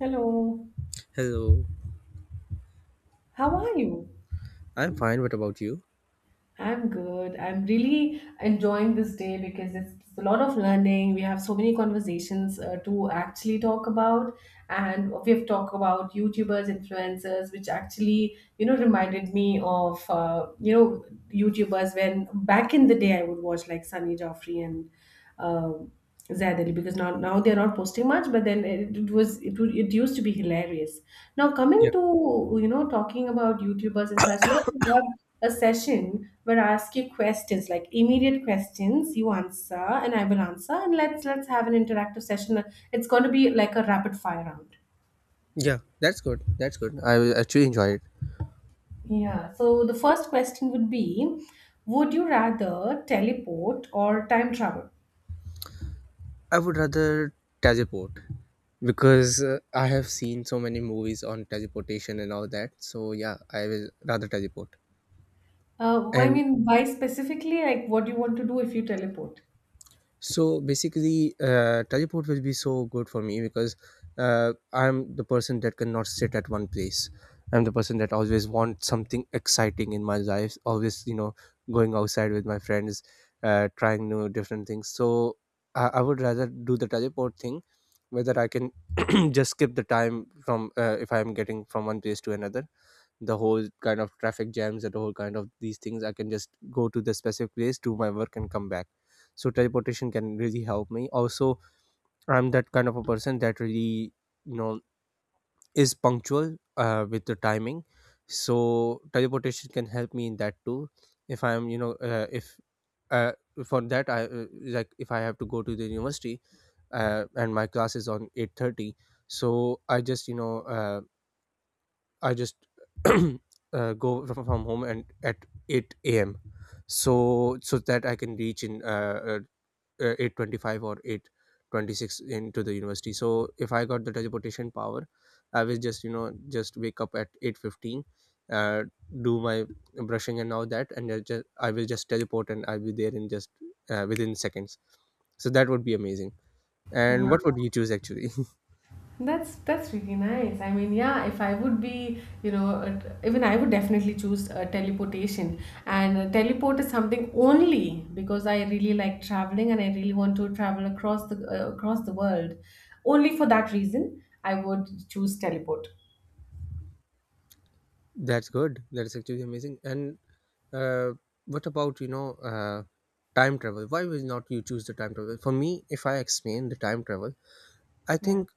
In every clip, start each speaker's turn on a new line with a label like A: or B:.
A: Hello,
B: Hello.
A: how are you?
B: I'm fine. What about you?
A: I'm good. I'm really enjoying this day because it's a lot of learning. We have so many conversations to actually talk about, and we've talked about YouTubers, influencers, which actually, you know, reminded me of, you know, YouTubers when back in the day I would watch like Sunny Joffrey and um Zadeli because now they're not posting much, but then it was it would it used to be hilarious. Now
B: Yeah.
A: coming to, you know, talking about YouTubers and such, let's have a session where I ask you questions like immediate questions, you answer and I will answer, and let's have an interactive session. It's going to be like a rapid fire round.
B: Yeah. That's good. That's good. I will actually enjoy it.
A: Yeah. So the first question would be, would you rather teleport or time travel?
B: I would rather teleport because I have seen so many movies on teleportation and all that. So yeah, I will rather teleport.
A: I
B: And
A: mean, why specifically? Like, what do you want to do if you teleport?
B: So basically, teleport will be so good for me because I'm the person that cannot sit at one place. I'm the person that always wants something exciting in my life. Always, going outside with my friends, trying new different things. So I would rather do the teleport thing, whether I can just skip the time from if I'm getting from one place to another, the whole kind of traffic jams and the whole kind of these things. I can just go to the specific place, do my work, and come back. So teleportation can really help me also. I'm that kind of a person that really, you know is punctual with the timing. So teleportation can help me in that too. If I'm you know if uh, for that I Like if I have to go to the university and my class is on 8:30, so I just go from home and at 8 a.m. so so that I can reach in 8:25 or 8:26 into the university. So if I got the teleportation power, I will just you know just wake up at 8:15, uh, do my brushing and all that, and I will just teleport and I'll be there in just within seconds. So that would be amazing.
A: Hmm.
B: And what would you choose actually?
A: That's really nice. I mean, yeah, if I would be, you know, even I would definitely choose teleportation. And teleport is something only because I really like traveling and I really want to travel across the world. Only for that reason, I would choose teleport.
B: That's good. That's actually amazing. And uh, what about time travel? Why would not you choose the time travel? For me, if I explain the time travel, I
A: Yeah.
B: think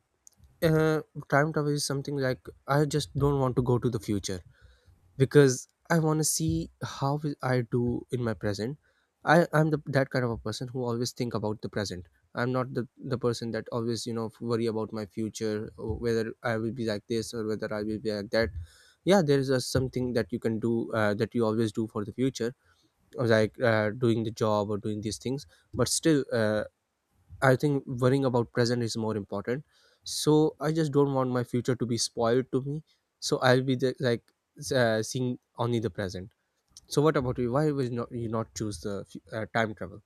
B: uh, time travel is something like I just don't want to go to the future because I want to see how will I do in my present. That kind of a person who always think about the present. I'm not the person that always worry about my future or whether I will be like this or whether I will be like that. Yeah, there is a, something that you can do that you always do for the future, or like doing the job or doing these things. But still, I think worrying about present is more important. So I just don't want my future to be spoiled to me. So I'll be the, like seeing only the present. So what about you? Why will not you not choose the time travel?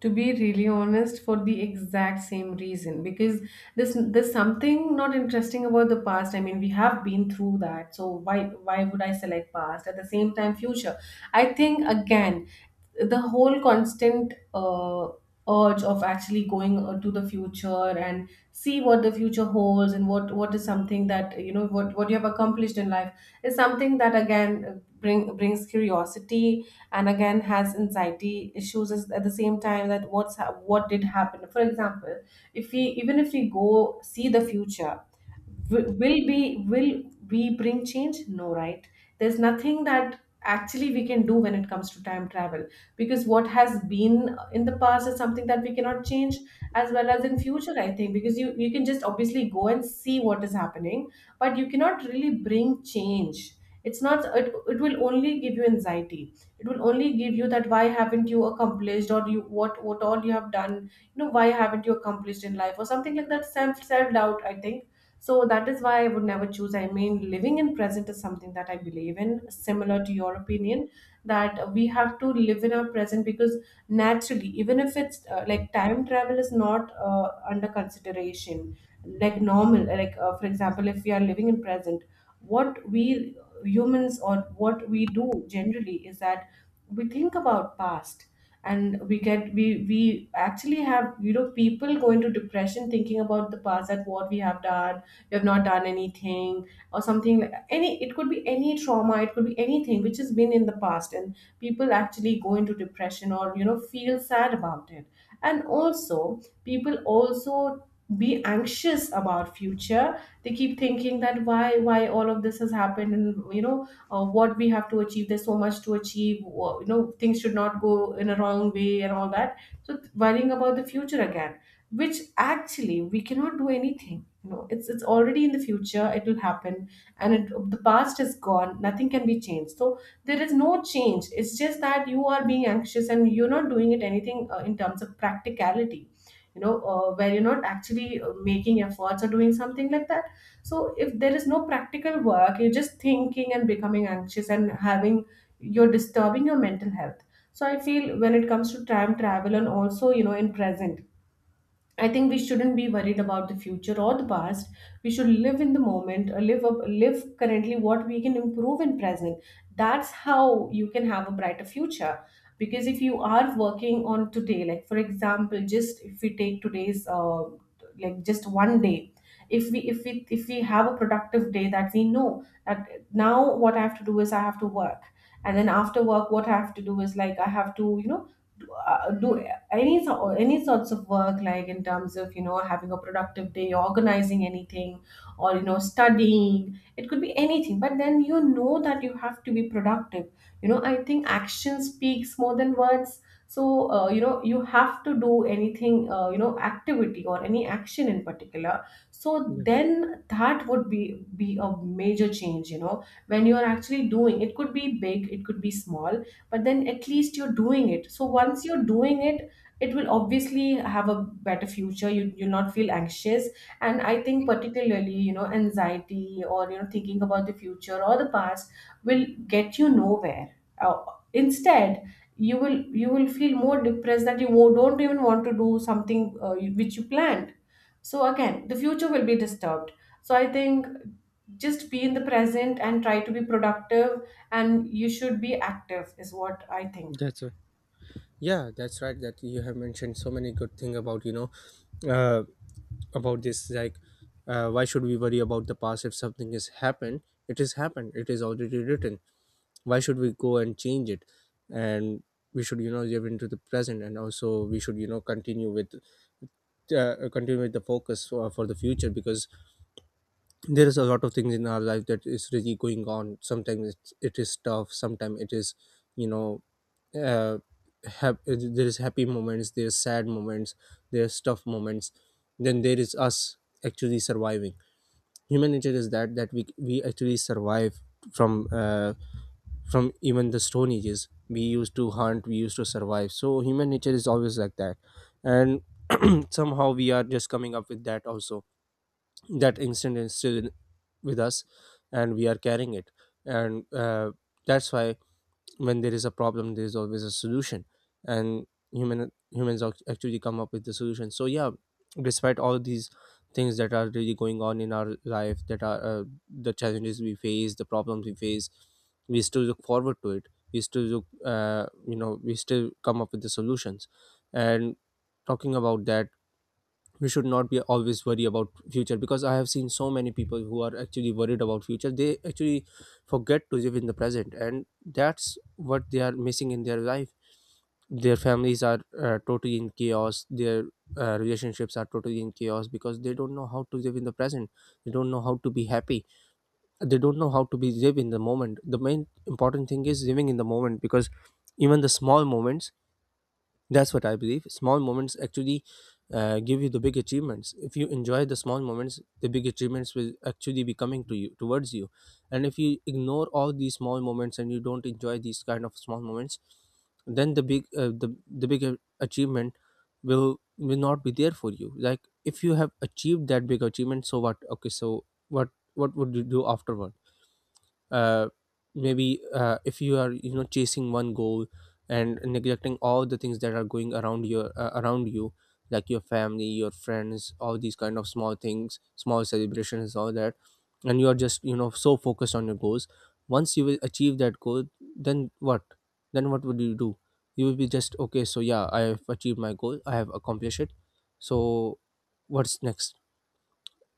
A: To be really honest, for the exact same reason, because this there's something not interesting about the past. I mean, we have been through that, so why would I select past? At the same time, future, I think, again, the whole constant urge of actually going to the future and see what the future holds and what is something that, you know, what you have accomplished in life is something that again, brings curiosity and again has anxiety issues at the same time. That what did happen, for example, if we, even if we go see the future, wi- will be will we bring change? No, right? There's nothing that actually we can do when it comes to time travel, because what has been in the past is something that we cannot change, as well as in future. I think because you can just obviously go and see what is happening, but you cannot really bring change. It's not it, it will only give you anxiety. It will only give you that why haven't you accomplished, or you, what all you have done, you know, why haven't you accomplished in life or something like that. Self doubt, I think. So that is why I would never choose. I mean, living in present is something that I believe in, similar to your opinion, that we have to live in our present because naturally, even if it's like time travel is not under consideration, like normal, like for example, if we are living in present, what we humans or what we do generally is that we think about past, and we get we actually have, you know, people go into depression thinking about the past, that what we have done, we have not done anything, or something like any, it could be any trauma, it could be anything which has been in the past, and people actually go into depression or, you know, feel sad about it. And also people also be anxious about future. They keep thinking that why all of this has happened, and you know, what we have to achieve, there's so much to achieve, you know, things should not go in a wrong way and all that. So worrying about the future again, which actually we cannot do anything, you know, it's already in the future, it will happen. And the past is gone, nothing can be changed, so there is no change. It's just that you are being anxious and you're not doing it anything in terms of practicality, you know, where you're not actually making efforts or doing something like that. So if there is no practical work, you're just thinking and becoming anxious and having, you're disturbing your mental health. So I feel when it comes to time travel and also, you know, in present, I think we shouldn't be worried about the future or the past. We should live in the moment, live up, live currently what we can improve in present. That's how you can have a brighter future. Because if you are working on today, like for example, just if we take today's like just one day, if we have a productive day, that we know that now what I have to do is I have to work, and then after work what I have to do is like I have to, you know, do any, so any sorts of work, like in terms of, you know, having a productive day, organizing anything, or, you know, studying, it could be anything, but then you know that you have to be productive. You know, I think action speaks more than words. So you know, you have to do anything, you know, activity or any action in particular. So
B: Yeah,
A: then that would be a major change, you know, when you are actually doing. It could be big, it could be small, but then at least you're doing it. So once you're doing it, it will obviously have a better future. You'll not feel anxious. And I think particularly, you know, anxiety or, you know, thinking about the future or the past will get you nowhere. uh, Instead, you will feel more depressed, that you don't even want to do something which you planned. So again the future will be disturbed. So I think just be in the present and try to be productive, and you should be active is what I think.
B: that's right. Yeah, that's right. That you have mentioned so many good thing about uh, about this. Like, why should we worry about the past if something has happened? It has happened. It is already written. Why should we go and change it? And we should, live into the present, and also we should, continue with the focus for the future, because there is a lot of things in our life that is really going on. Sometimes it is tough, sometimes it is, you know uh, there is happy moments, there is sad moments, there is tough moments, then there is us actually surviving. Human nature is that that we actually survive from uh, from even the stone ages. We used to hunt, we used to survive. So human nature is always like that, and somehow we are just coming up with that also. That instinct is still with us, and we are carrying it. And that's why, when there is a problem, there is always a solution. And actually come up with the solution. So yeah, despite all these things that are really going on in our life, that are the challenges we face, the problems we face, we still look forward to it. We still look, we still come up with the solutions. And talking about that, we should not be always worry about future, because I have seen so many people who are actually worried about future, they actually forget to live in the present, and that's what they are missing in their life. Their families are totally in chaos, their relationships are totally in chaos, because they don't know how to live in the present. They don't know how to be happy. They don't know how to be live in the moment. The main important thing is living in the moment, because even the small moments, that's what I believe. Small moments actually give you the big achievements. If you enjoy the small moments, the big achievements will actually be coming to you towards you. And if you ignore all these small moments and you don't enjoy these kind of small moments, then the big, the big achievement will not be there for you. Like if you have achieved that big achievement, so what? Okay, so what would you do afterward? uh, maybe if you are, chasing one goal and neglecting all the things that are going around your, around you, like your family, your friends, all these kind of small things, small celebrations, all that, and you are just, so focused on your goals. Once you will achieve that goal, then what? Then what would you do? You will be just okay, so yeah, I have achieved my goal, I have accomplished it. So what's next?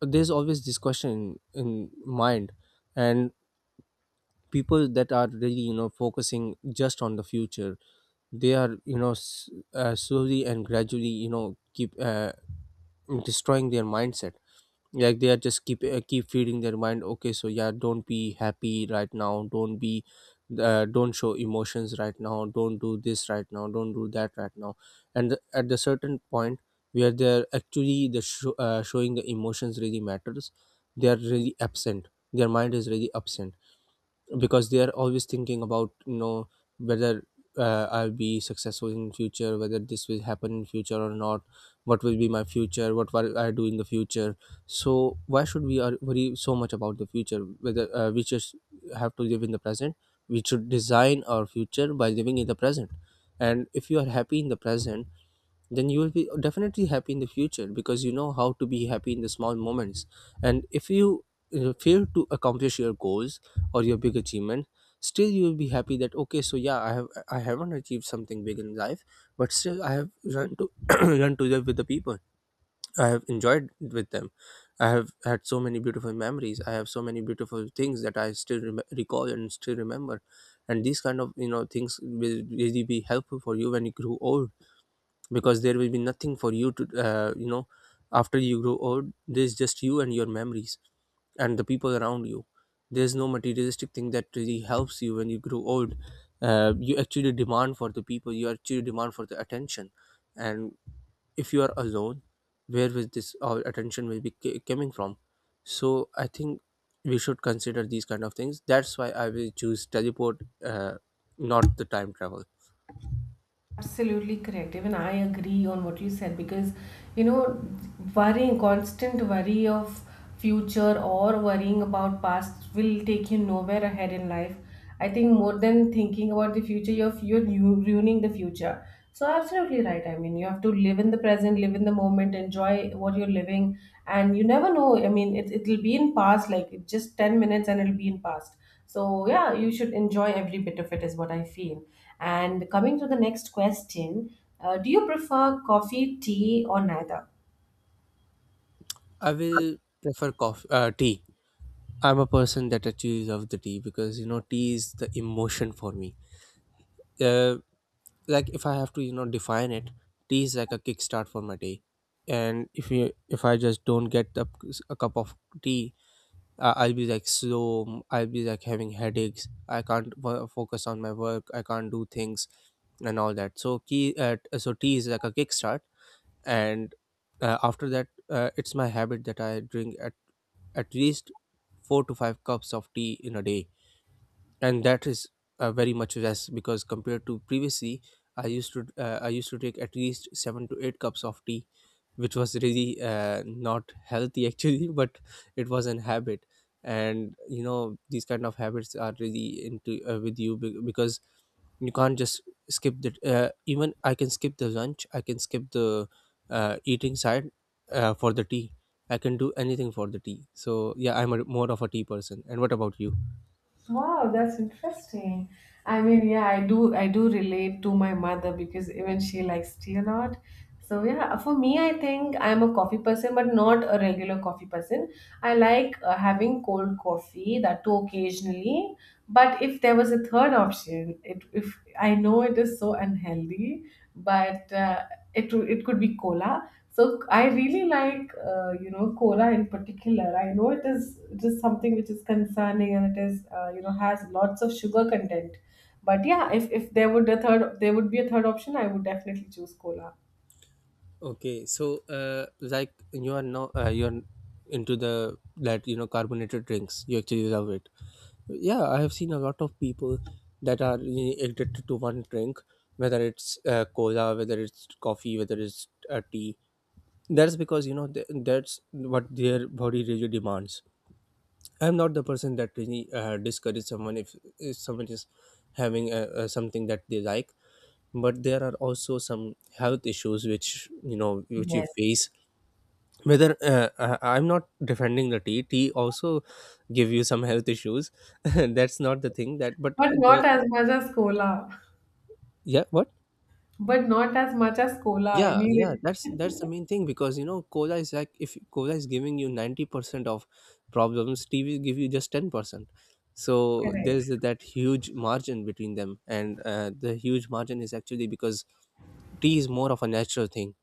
B: There's always this question in mind. And people that are really, focusing just on the future, they are, slowly and gradually, keep destroying their mindset. Like they are just keep keep feeding their mind, okay, so yeah, don't be happy right now, don't be, don't show emotions right now, don't do this right now, don't do that right now. And at the certain point where they're actually the showing the emotions really matters, they are really absent, their mind is really absent, because they are always thinking about, whether I'll be successful in future, whether this will happen in future or not, what will be my future, what will I do in the future. So why should we are worry so much about the future, whether we just have to live in the present? We should design our future by living in the present. And if you are happy in the present, then you will be definitely happy in the future, because you know how to be happy in the small moments. And if you fail to accomplish your goals or your big achievement, still you will be happy that okay, so yeah, I haven't achieved something big in life, but still I have learned to learned to live with the people, I have enjoyed with them, I have had so many beautiful memories, I have so many beautiful things that I still recall and still remember. And these kind of, things will really be helpful for you when you grow old, because there will be nothing for you to, after you grow old, there's just you and your memories and the people around you. There's no materialistic thing that really helps you when you grow old. You actually demand for the people, you actually demand for the attention. And if you are alone, where will this all attention will be coming from? So I think we should consider these kind of things. That's why I will choose teleport, uh, not the time travel.
A: Absolutely correct. Even I agree on what you said because, you know, worrying, constant worry of future or worrying about past will take you nowhere ahead in life. I think more than thinking about the future, you're, ruining the future. So, absolutely right. I mean, you have to live in the present, live in the moment, enjoy what you're living. And you never know. I mean, it'll be in past, like just 10 minutes and it'll be in past. So, yeah, you should enjoy every bit of it, is what I feel. And coming to the next question, do you prefer coffee, tea, or neither?
B: I will prefer coffee, tea. I'm a person that actually of the tea, because you know, tea is the emotion for me. Uh, like if I have to, define it, tea is like a kickstart for my day. And if you if I just don't get a cup of tea, I'll be like slow. I'll be like having headaches. I can't focus on my work. I can't do things and all that. So tea is like a kickstart, and after that, it's my habit that I drink at least 4 to 5 cups of tea in a day, and that is very much less because compared to previously I used to take at least 7 to 8 cups of tea, which was really not healthy actually but it was an habit. And you know these kind of habits are really into with you because you can't just skip the even I can skip the lunch, I can skip the eating side for the tea. I can do anything for the tea. So yeah, I'm a, more of a tea person, and what about you?
A: Wow, that's interesting. I mean, yeah, I do relate to my mother because even she likes tea a lot. So yeah, for me, I think I'm a coffee person, but not a regular coffee person. I like having cold coffee, that too occasionally. But if there was a third option, it if I know it is so unhealthy, but it could be cola. So I really like, you know, cola in particular. I know it is just something which is concerning and it is, you know, has lots of sugar content. But yeah, if, there would be a third option, I would definitely choose cola.
B: Okay, so like you are now you're into the that you know carbonated drinks. You actually love it. Yeah, I have seen a lot of people that are really addicted to one drink, whether it's cola, whether it's coffee, whether it's tea. That's because you know that's what their body really demands. I'm not the person that really discourage someone if someone is having something that they like, but there are also some health issues which you know which you
A: Yes.
B: face, whether I'm not defending the tea, tea also give you some health issues that's not the thing, that but
A: But
B: the
A: not as much as cola.
B: yeah what
A: But not as much as cola. I
B: yeah, yeah,
A: mean,
B: that's the main thing because you know cola is like, if cola is giving you 90% of problems, tea will give you just 10%. So
A: it,
B: there's that huge margin between them, and the huge margin is actually because tea is more of a natural thing.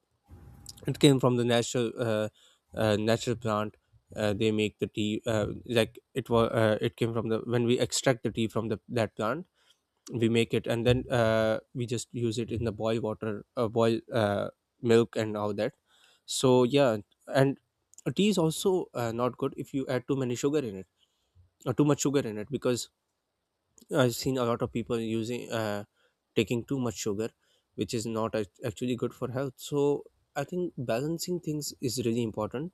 B: It came from the natural natural plant. They make the tea like it was it came from the, when we extract the tea from the that plant, we make it, and then we just use it in the boil water, boil milk and all that. So yeah. And tea is also not good if you add too many sugar in it or too much sugar in it, because I've seen a lot of people using taking too much sugar, which is not actually good for health. So I think balancing things is really important.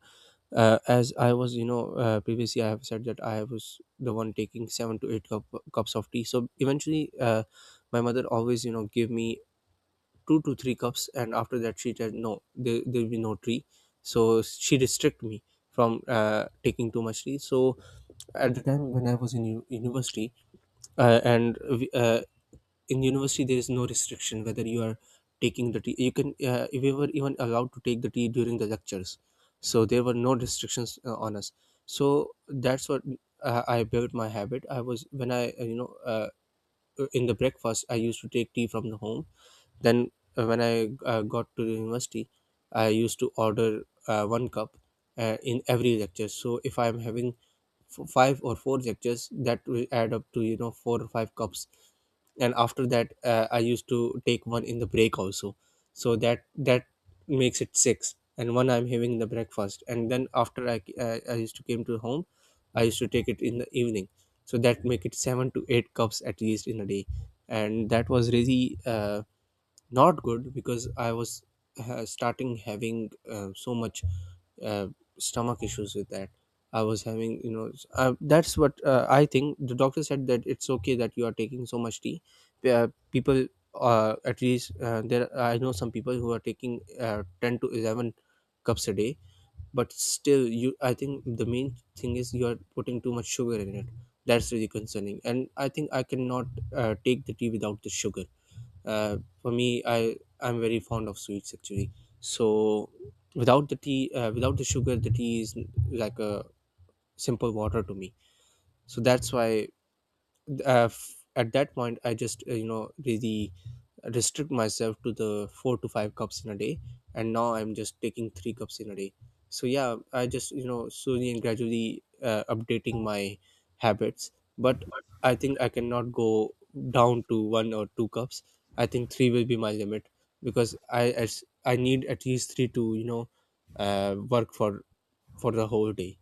B: As I was, you know, previously I have said that I was the one taking 7 to 8 cup, cups of tea. So eventually, my mother always, you know, gave me 2 to 3 cups, and after that she said no, there'll be no tea. So she restrict me from taking too much tea. So at the time when I was in university, uh, and we- uh, in university there is no restriction whether you are taking the tea. You can if we were even allowed to take the tea during the lectures, so there were no restrictions on us. So that's what I built my habit. I was when I you know in the breakfast I used to take tea from the home, then when I got to the university, I used to order one cup in every lecture. So if I'm having five or four lectures, that will add up to you know 4 or 5 cups. And after that I used to take one in the break also. So that makes it six, and one I'm having in the breakfast, and then after I I used to came to home, I used to take it in the evening. So that make it 7 to 8 cups at least in a day. And that was really not good because I was starting having so much uh, stomach issues with that. I was having, you know, that's what I think. The doctor said that it's okay that you are taking so much tea. People, at least there, I know some people who are taking 10 to 11 cups a day, but still, you. I think the main thing is you are putting too much sugar in it. That's really concerning, and I think I cannot take the tea without the sugar. For me, I'm very fond of sweets actually. So without the tea, without the sugar, the tea is like a simple water to me. So that's why at that point I just you know really restrict myself to the 4 to 5 cups in a day. And now I'm just taking 3 cups in a day. So yeah, I just you know slowly and gradually updating my habits. But I think I cannot go down to one or two cups. I think three will be my limit, because I, as I need at least three to you know work for the whole day.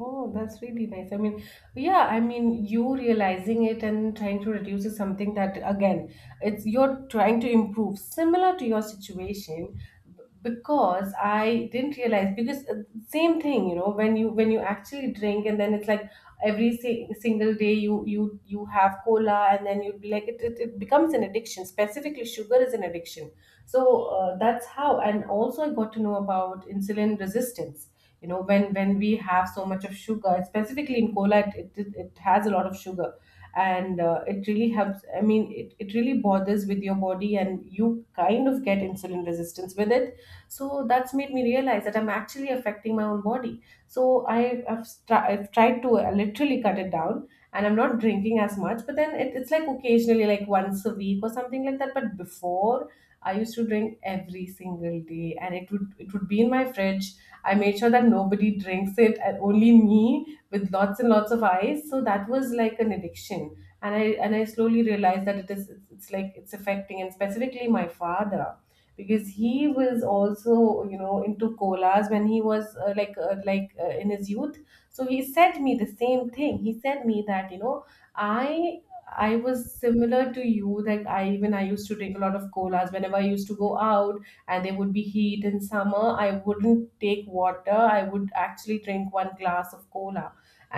A: Oh, that's really nice. I mean, yeah, I mean, you realizing it and trying to reduce is something that, again, it's you're trying to improve, similar to your situation, because I didn't realize because same thing, you know, when you actually drink and then it's like every si single day you have cola, and then you'd be like it becomes an addiction. Specifically, sugar is an addiction. So that's how. And also, I got to know about insulin resistance, you know, when we have so much of sugar, specifically in cola, it has a lot of sugar, and it really helps. I mean it really bothers with your body and you kind of get insulin resistance with it. So that's made me realize that I'm actually affecting my own body. So I've tried to literally cut it down, and I'm not drinking as much, but then it's like occasionally, like once a week or something like that. But before, I used to drink every single day, and it would be in my fridge. I made sure that nobody drinks it, and only me with lots and lots of ice. So that was like an addiction. And I slowly realized that it's like it's affecting, and specifically my father, because he was also, you know, into colas when he was in his youth. So he said me the same thing. He said me that I I was similar to you. Like I even I used to drink a lot of colas whenever I used to go out, and there would be heat in summer. I wouldn't take water, I would actually drink one glass of cola,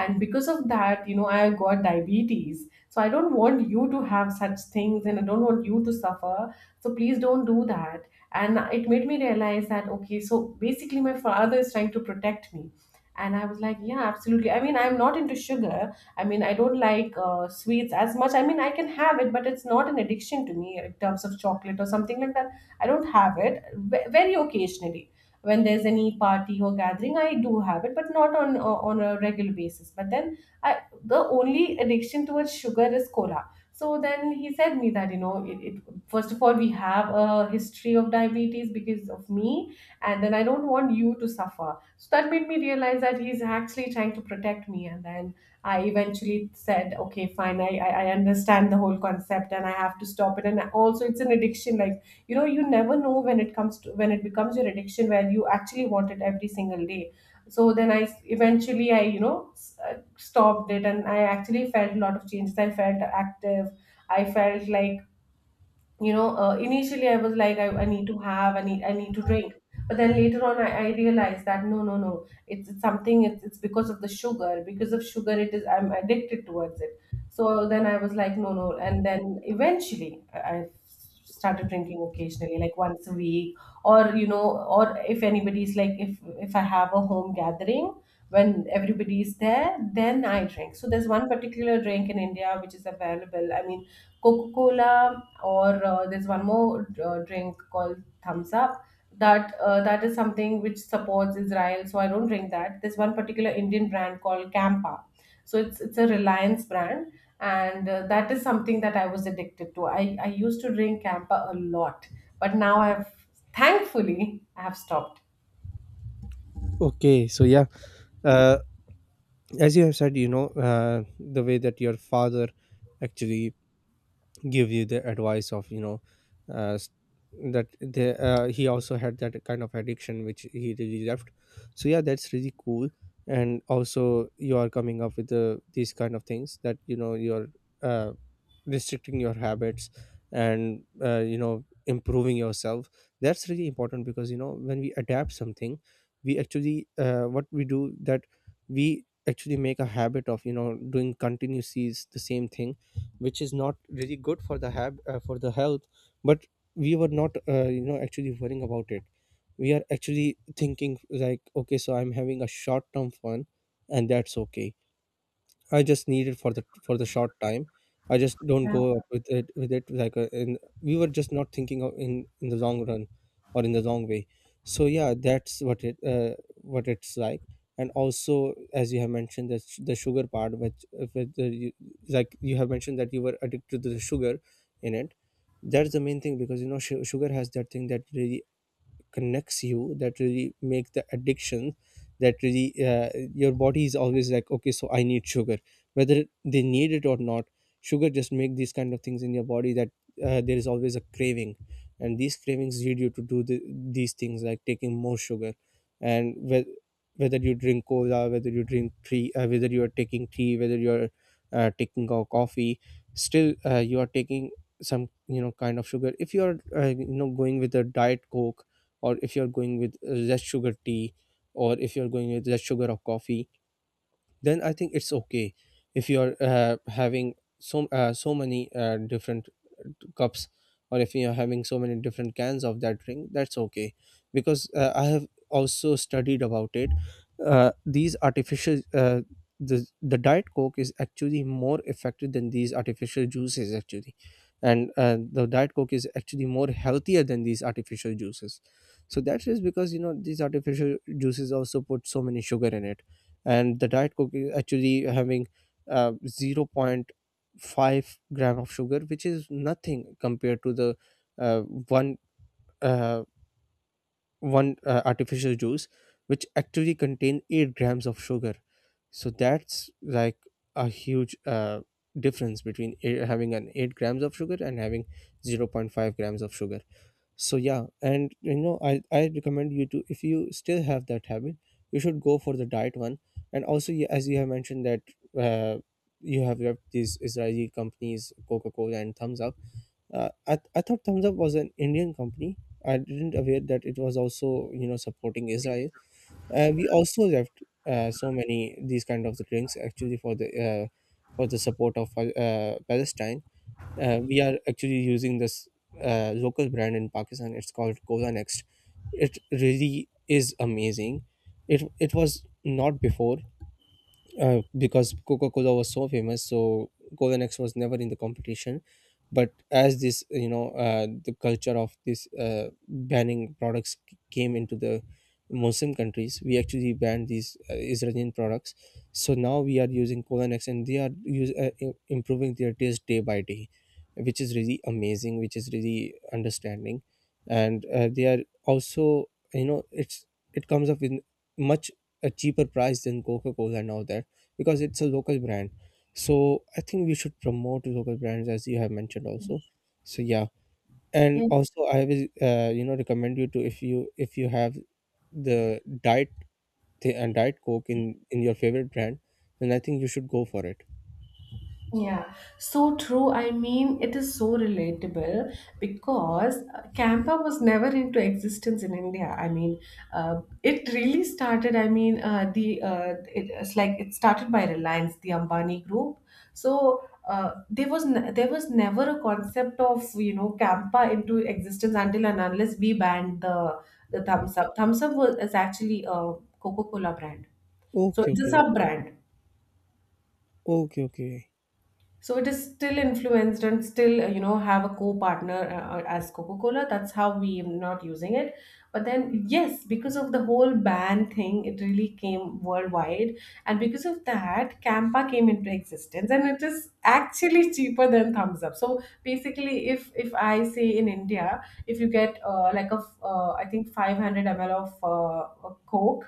A: and because of that, I got diabetes. So I don't want you to have such things, and I don't want you to suffer, so please don't do that. And it made me realize that, okay, so basically my father is trying to protect me. And I was like, yeah, absolutely. I mean, I'm not into sugar. I mean, I don't like sweets as much. I mean, I can have it, but it's not an addiction to me in terms of chocolate or something like that. I don't have it very occasionally, when there's any party or gathering. I do have it, but not on a regular basis. But then I the only addiction towards sugar is cola. So then he said me that, it, it first of all, we have a history of diabetes because of me, and then I don't want you to suffer. So that made me realize that he's actually trying to protect me, and then. I eventually said, okay, fine, I understand the whole concept, and I have to stop it. And also, it's an addiction. Like, you never know when it comes to when it becomes your addiction, where you actually want it every single day. So then eventually I, stopped it, and I actually felt a lot of changes. I felt active. I felt like Initially I was like, I need to have I need to drink. But then later on, I realized that no, no, no, it's something. It's Because of sugar it is, I'm addicted towards it. So then I was like, no, no. And then eventually I started drinking occasionally, like once a week, or or if anybody's like, if I have a home gathering, when everybody is there, then I drink. So there's one particular drink in India which is available, I mean, coca cola, or there's one more drink called thumbs up. That is something which supports Israel, so I don't drink that. There's one particular Indian brand called Campa. So it's a Reliance brand, and that is something that I was addicted to. I used to drink Campa a lot, but now I've thankfully I have stopped.
B: Okay, so yeah, uh, as you have said, you know, the way that your father actually give you the advice of you know uh, s- that the he also had that kind of addiction which he really left. So yeah, that's really cool. And also you are coming up with the these kind of things that you know you're uh, restricting your habits, and you know improving yourself. That's really important, because you know when we adapt something, we actually what we do that, we actually make a habit of you know doing continuously the same thing, which is not really good for the hab for the health. But we were not you know actually worrying about it. We are actually thinking like okay, so I'm having a short term fun, and that's okay. I just need it for the short time. I just don't go up with it like in we were just not thinking of in the long run or in the long way. So yeah, that's what it what it's like. And also, as you have mentioned, the the sugar part, which with the, you, like you have mentioned that you were addicted to the sugar in it. That's the main thing, because you know sugar has that thing that really connects you, that really make the addiction, that really your body is always like okay, so I need sugar, whether they need it or not. Sugar just make these kind of things in your body that there is always a craving, and these cravings lead you to do the, these things like taking more sugar. And whether you drink cola, whether you drink tea, whether you are taking tea, whether you are taking coffee, still you are taking some you know kind of sugar. If you are you know going with a diet coke, or if you're going with less sugar tea, or if you're going with less sugar of coffee, then I think it's okay. If you're having so so many different cups, or if you're having so many different cans of that drink, that's okay. Because I have also studied about it. These artificial the diet coke is actually more effective than these artificial juices actually. And the diet coke is actually more healthier than these artificial juices. So that is because you know these artificial juices also put so many sugar in it, and the diet coke is actually having 0. Point. 5 gram of sugar, which is nothing compared to the uh, one uh, one artificial juice, which actually contain 8 grams of sugar. So that's like a huge difference between having an 8 grams of sugar and having 0 0.5 grams of sugar. So yeah, and you know I recommend you to, if you still have that habit, you should go for the diet one. And also as you have mentioned that uh, you have repped these Israeli companies Coca-Cola and Thumbs Up, I thought Thumbs Up was an Indian company. I didn't aware that it was also you know supporting Israel. We also left so many these kind of the drinks actually for the support of Palestine. We are actually using this local brand in Pakistan. It's called Cola Next. It really is amazing. It was not before because Coca Cola was so famous, so Cola-X was never in the competition. But as this, you know, the culture of this banning products came into the Muslim countries, we actually banned these Israeli products. So now we are using Cola-X, and they are use, improving their taste day by day, which is really amazing, which is really understanding, and they are also, you know, it's it comes up in much a cheaper price than Coca Cola now that, because it's a local brand. So I think we should promote local brands as you have mentioned also. So yeah, and
A: Yeah.
B: also I will you know recommend you to, if you have the diet and diet coke in your favorite brand, then I think you should go for it.
A: Yeah, so true. I mean, it is so relatable because Campa was never into existence in India. I mean, it really started. I mean, it's like it started by Reliance, the Ambani group. So there was never a concept of Campa into existence until and unless we banned the Thumbs Up. Thumbs Up was is actually a Coca-Cola brand, so
B: Okay,
A: it's a
B: okay,
A: sub brand.
B: okay, okay.
A: So it is still influenced and still, have a co-partner as Coca-Cola. That's how we are not using it. But then, yes, because of the whole ban thing, it really came worldwide. And because of that, Campa came into existence, and it is actually cheaper than Thumbs Up. So basically, if I say, in India, if you get like I think 500 ml of a Coke,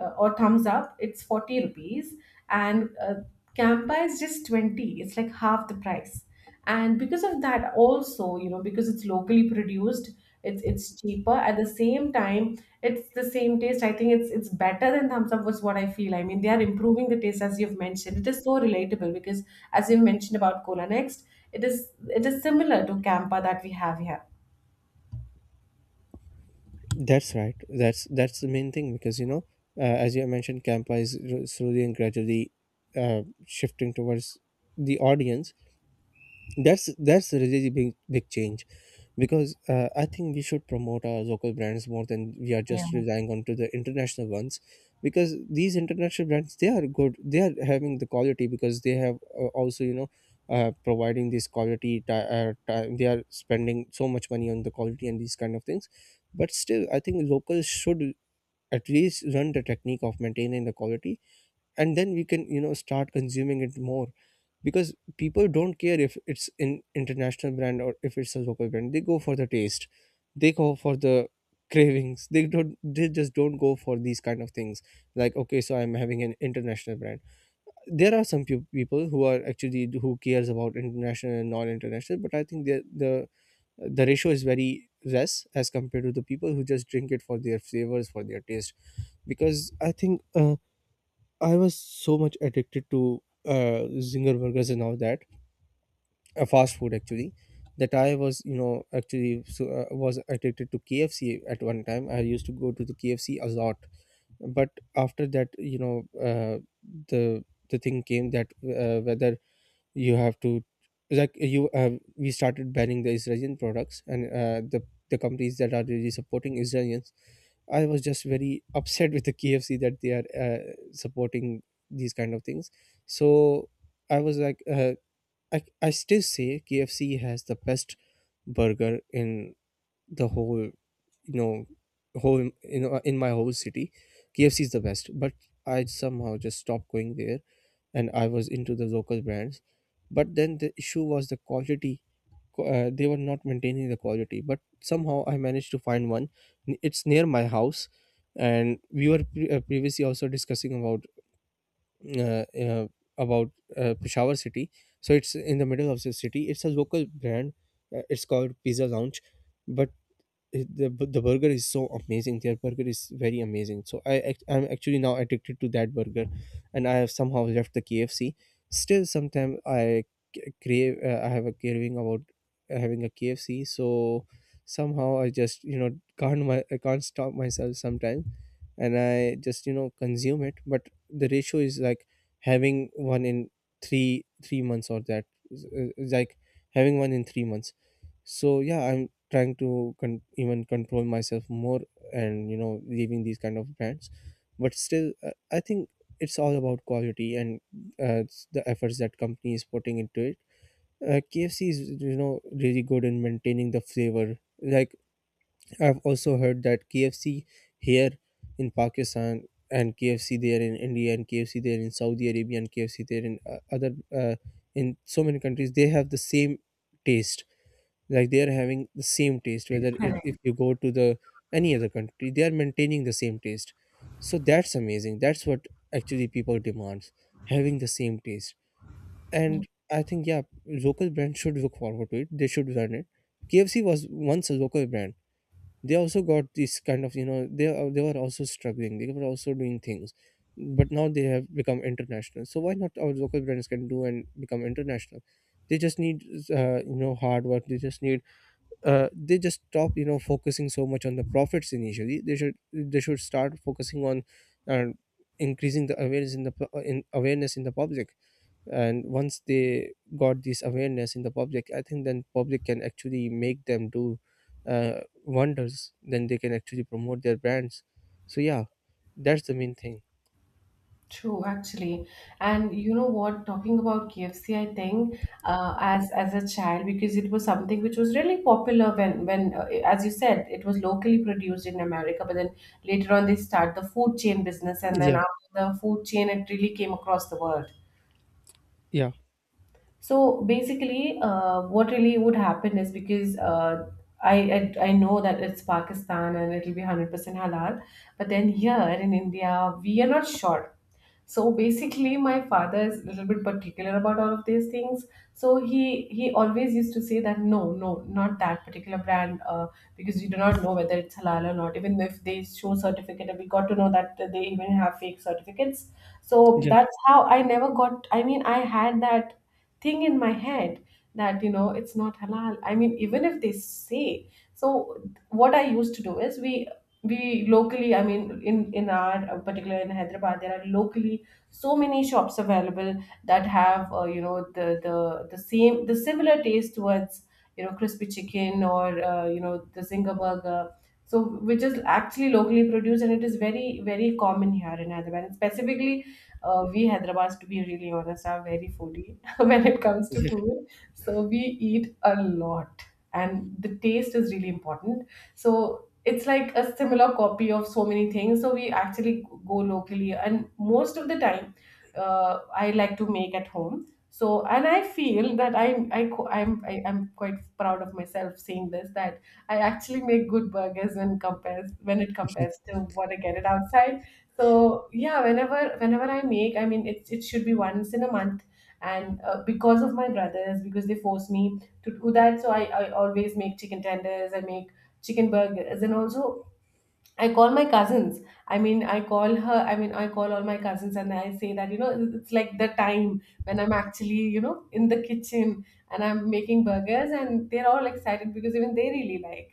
A: or thumbs up, it's ₹40, and campa is just 20. It's like half the price. And because of that also, because it's locally produced, it's cheaper. At the same time, it's the same taste. I think it's better than thumbs up, was what I feel. I mean, they are improving the taste, as you've mentioned. It is so relatable because, as you mentioned about Cola Next, it is similar to Campa that we have here.
B: That's right. That's the main thing, because you know, as you have mentioned, Campa is slowly and gradually shifting towards the audience. That's a really big change, because I think we should promote our local brands more than we are
A: Yeah.
B: just relying on to the international ones, because these international brands, they are good. They are having the quality because they have also you know providing this quality. They are spending so much money on the quality and these kind of things, but still I think locals should at least learn the technique of maintaining the quality, and then we can you know start consuming it more, because people don't care if it's an international brand or if it's a local brand. They go for the taste, they go for the cravings. They don't, they just don't go for these kind of things like, okay, so I'm having an international brand. There are some people who are actually, who cares about international and non-international, but I think the the ratio is very less as compared to the people who just drink it for their flavors, for their taste. Because I think, I was so much addicted to zinger burgers and all that, a fast food actually, that I was you know actually so, was addicted to KFC at one time. I used to go to the KFC a lot. But after that, you know, uh, the the thing came that whether you have to, like you we started banning the Israeli products, and the companies that are really supporting Israelis, I was just very upset with the KFC that they are supporting these kind of things. So I was like, I still say KFC has the best burger in the whole, you know, whole, you know, in my whole city. KFC is the best, but I somehow just stopped going there, and I was into the local brands. But then the issue was the quality. They were not maintaining the quality, but somehow I managed to find one. It's near my house, and we were previously also discussing about uh, uh, about Peshawar city. So it's in the middle of the city. It's a local brand. It's called Pizza Lounge, but it- the the burger is so amazing. Their burger is very amazing. So I'm actually now addicted to that burger, and I have somehow left the KFC. Still, sometimes I crave. I have a craving about having a KFC. So somehow I just you know can't, my I can't stop myself sometimes, and I just you know consume it. But the ratio is like having one in three months, or that is like having one in 3 months. So yeah, I'm trying to even control myself more, and you know leaving these kind of brands. But still, I think it's all about quality, and it's the efforts that company is putting into it. KFC is you know really good in maintaining the flavor. Like, I've also heard that KFC here in Pakistan, and KFC there in India, and KFC there in Saudi Arabia, and KFC there in other in so many countries, they have the same taste. Like, they are having the same taste,
A: Yeah, correct.
B: if you go to the any other country, they are maintaining the same taste. So that's amazing. That's what actually people demands, having the same taste. And I think, yeah, local brands should look forward to it. They should learn it. KFC was once a local brand. They also got this kind of, you know, they were also struggling, they were also doing things, but now they have become international. So why not our local brands can do and become international? They just need, you know, hard work. They just need, they just stop, you know, focusing so much on the profits initially. They should start focusing on uh, increasing the awareness in awareness in the public. And once they got this awareness in the public, I think then public can actually make them do wonders. Then they can actually promote their brands. So yeah, that's the main thing.
A: True, actually, and you know what? Talking about KFC, I think as a child, because it was something which was really popular when as you said, it was locally produced in America, but then later on they start the food chain business, and then
B: Yeah,
A: after the food chain, it really came across the world.
B: yeah,
A: So basically, what really would happen is because I know that it's Pakistan and it'll be 100% halal, but then here in India, we are not sure. So basically my father is a little bit particular about all of these things, so he always used to say that, no, no, not that particular brand, because we do not know whether it's halal or not, even if they show certificate, and we got to know that they even have fake certificates. So
B: yeah,
A: that's how I never got I mean, I had that thing in my head, that it's not halal, I mean, even if they say. So what I used to do is, we locally I mean, in our particular, in Hyderabad, there are locally so many shops available, that have the the same the similar taste towards, crispy chicken, or the zinger burger. So, which is actually locally produced, and it is very very common here in Hyderabad, and specifically, we Hyderabadis, to be really honest, are very foodie when it comes to
B: yeah.
A: food. So we eat a lot, and the taste is really important. So it's like a similar copy of so many things, so we actually go locally, and most of the time, I like to make at home. So, and I feel that I'm I, co- I'm I, I'm quite proud of myself saying this, that I actually make good burgers when compares when it compares to what I get it outside. So yeah, whenever I make, I mean, it should be once in a month, and because of my brothers, because they force me to do that. So I always make chicken tenders, I make chicken burgers, and also I call my cousins. I mean, I mean, I call all my cousins, and I say that, it's like the time when I'm actually, in the kitchen, and I'm making burgers, and they're all excited, because even they really like.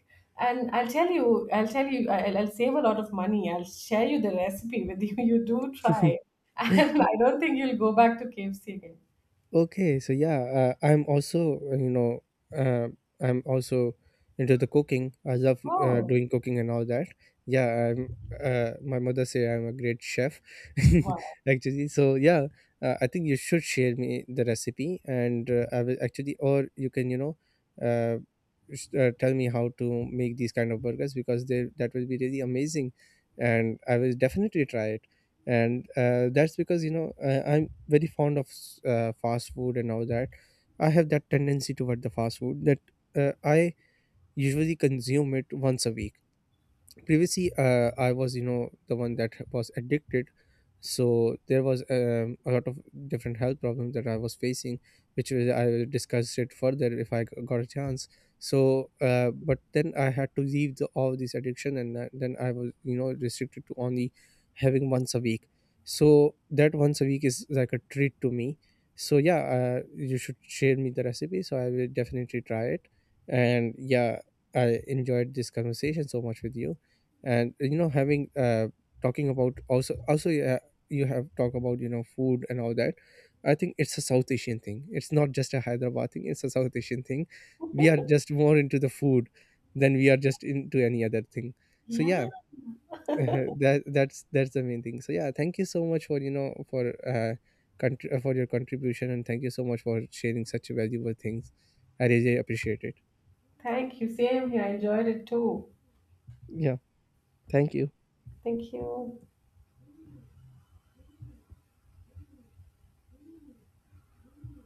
A: And I'll tell you, I'll save a lot of money. I'll share you the recipe with you you do try, and I don't think you'll go back to KFC again.
B: Okay, so yeah, I'm also uh, I'm also into the cooking. I love
A: Oh,
B: doing cooking and all that. Yeah, I'm. My mother say I'm a great chef,
A: wow.
B: actually. So yeah, I think you should share me the recipe, and I will actually, or you can you know, uh, tell me how to make these kind of burgers, because they that will be really amazing, and I will definitely try it. And that's because you know, I'm very fond of fast food and all that. I have that tendency toward the fast food that, I usually consume it once a week. Previously, I was you know the one that was addicted. So there was a lot of different health problems that I was facing, which was, I will discuss it further if I got a chance. So but then I had to leave the, all this addiction, and then I was you know restricted to only having once a week. So that once a week is like a treat to me. So yeah, you should share me the recipe, so I will definitely try it. And yeah, I enjoyed this conversation so much with you. And you know, having talking about also, yeah, you have talk about you know food and all that. I think it's a South Asian thing. It's not just a Hyderabad thing, it's a South Asian thing. We are just more into the food than we are just into any other thing. So
A: Yeah,
B: yeah. That's the main thing. So yeah, thank you so much for you know, for for your contribution, and thank you so much for sharing such valuable things. I really appreciate it.
A: thank you. Same here, I enjoyed it too.
B: Yeah, thank you.
A: Thank you.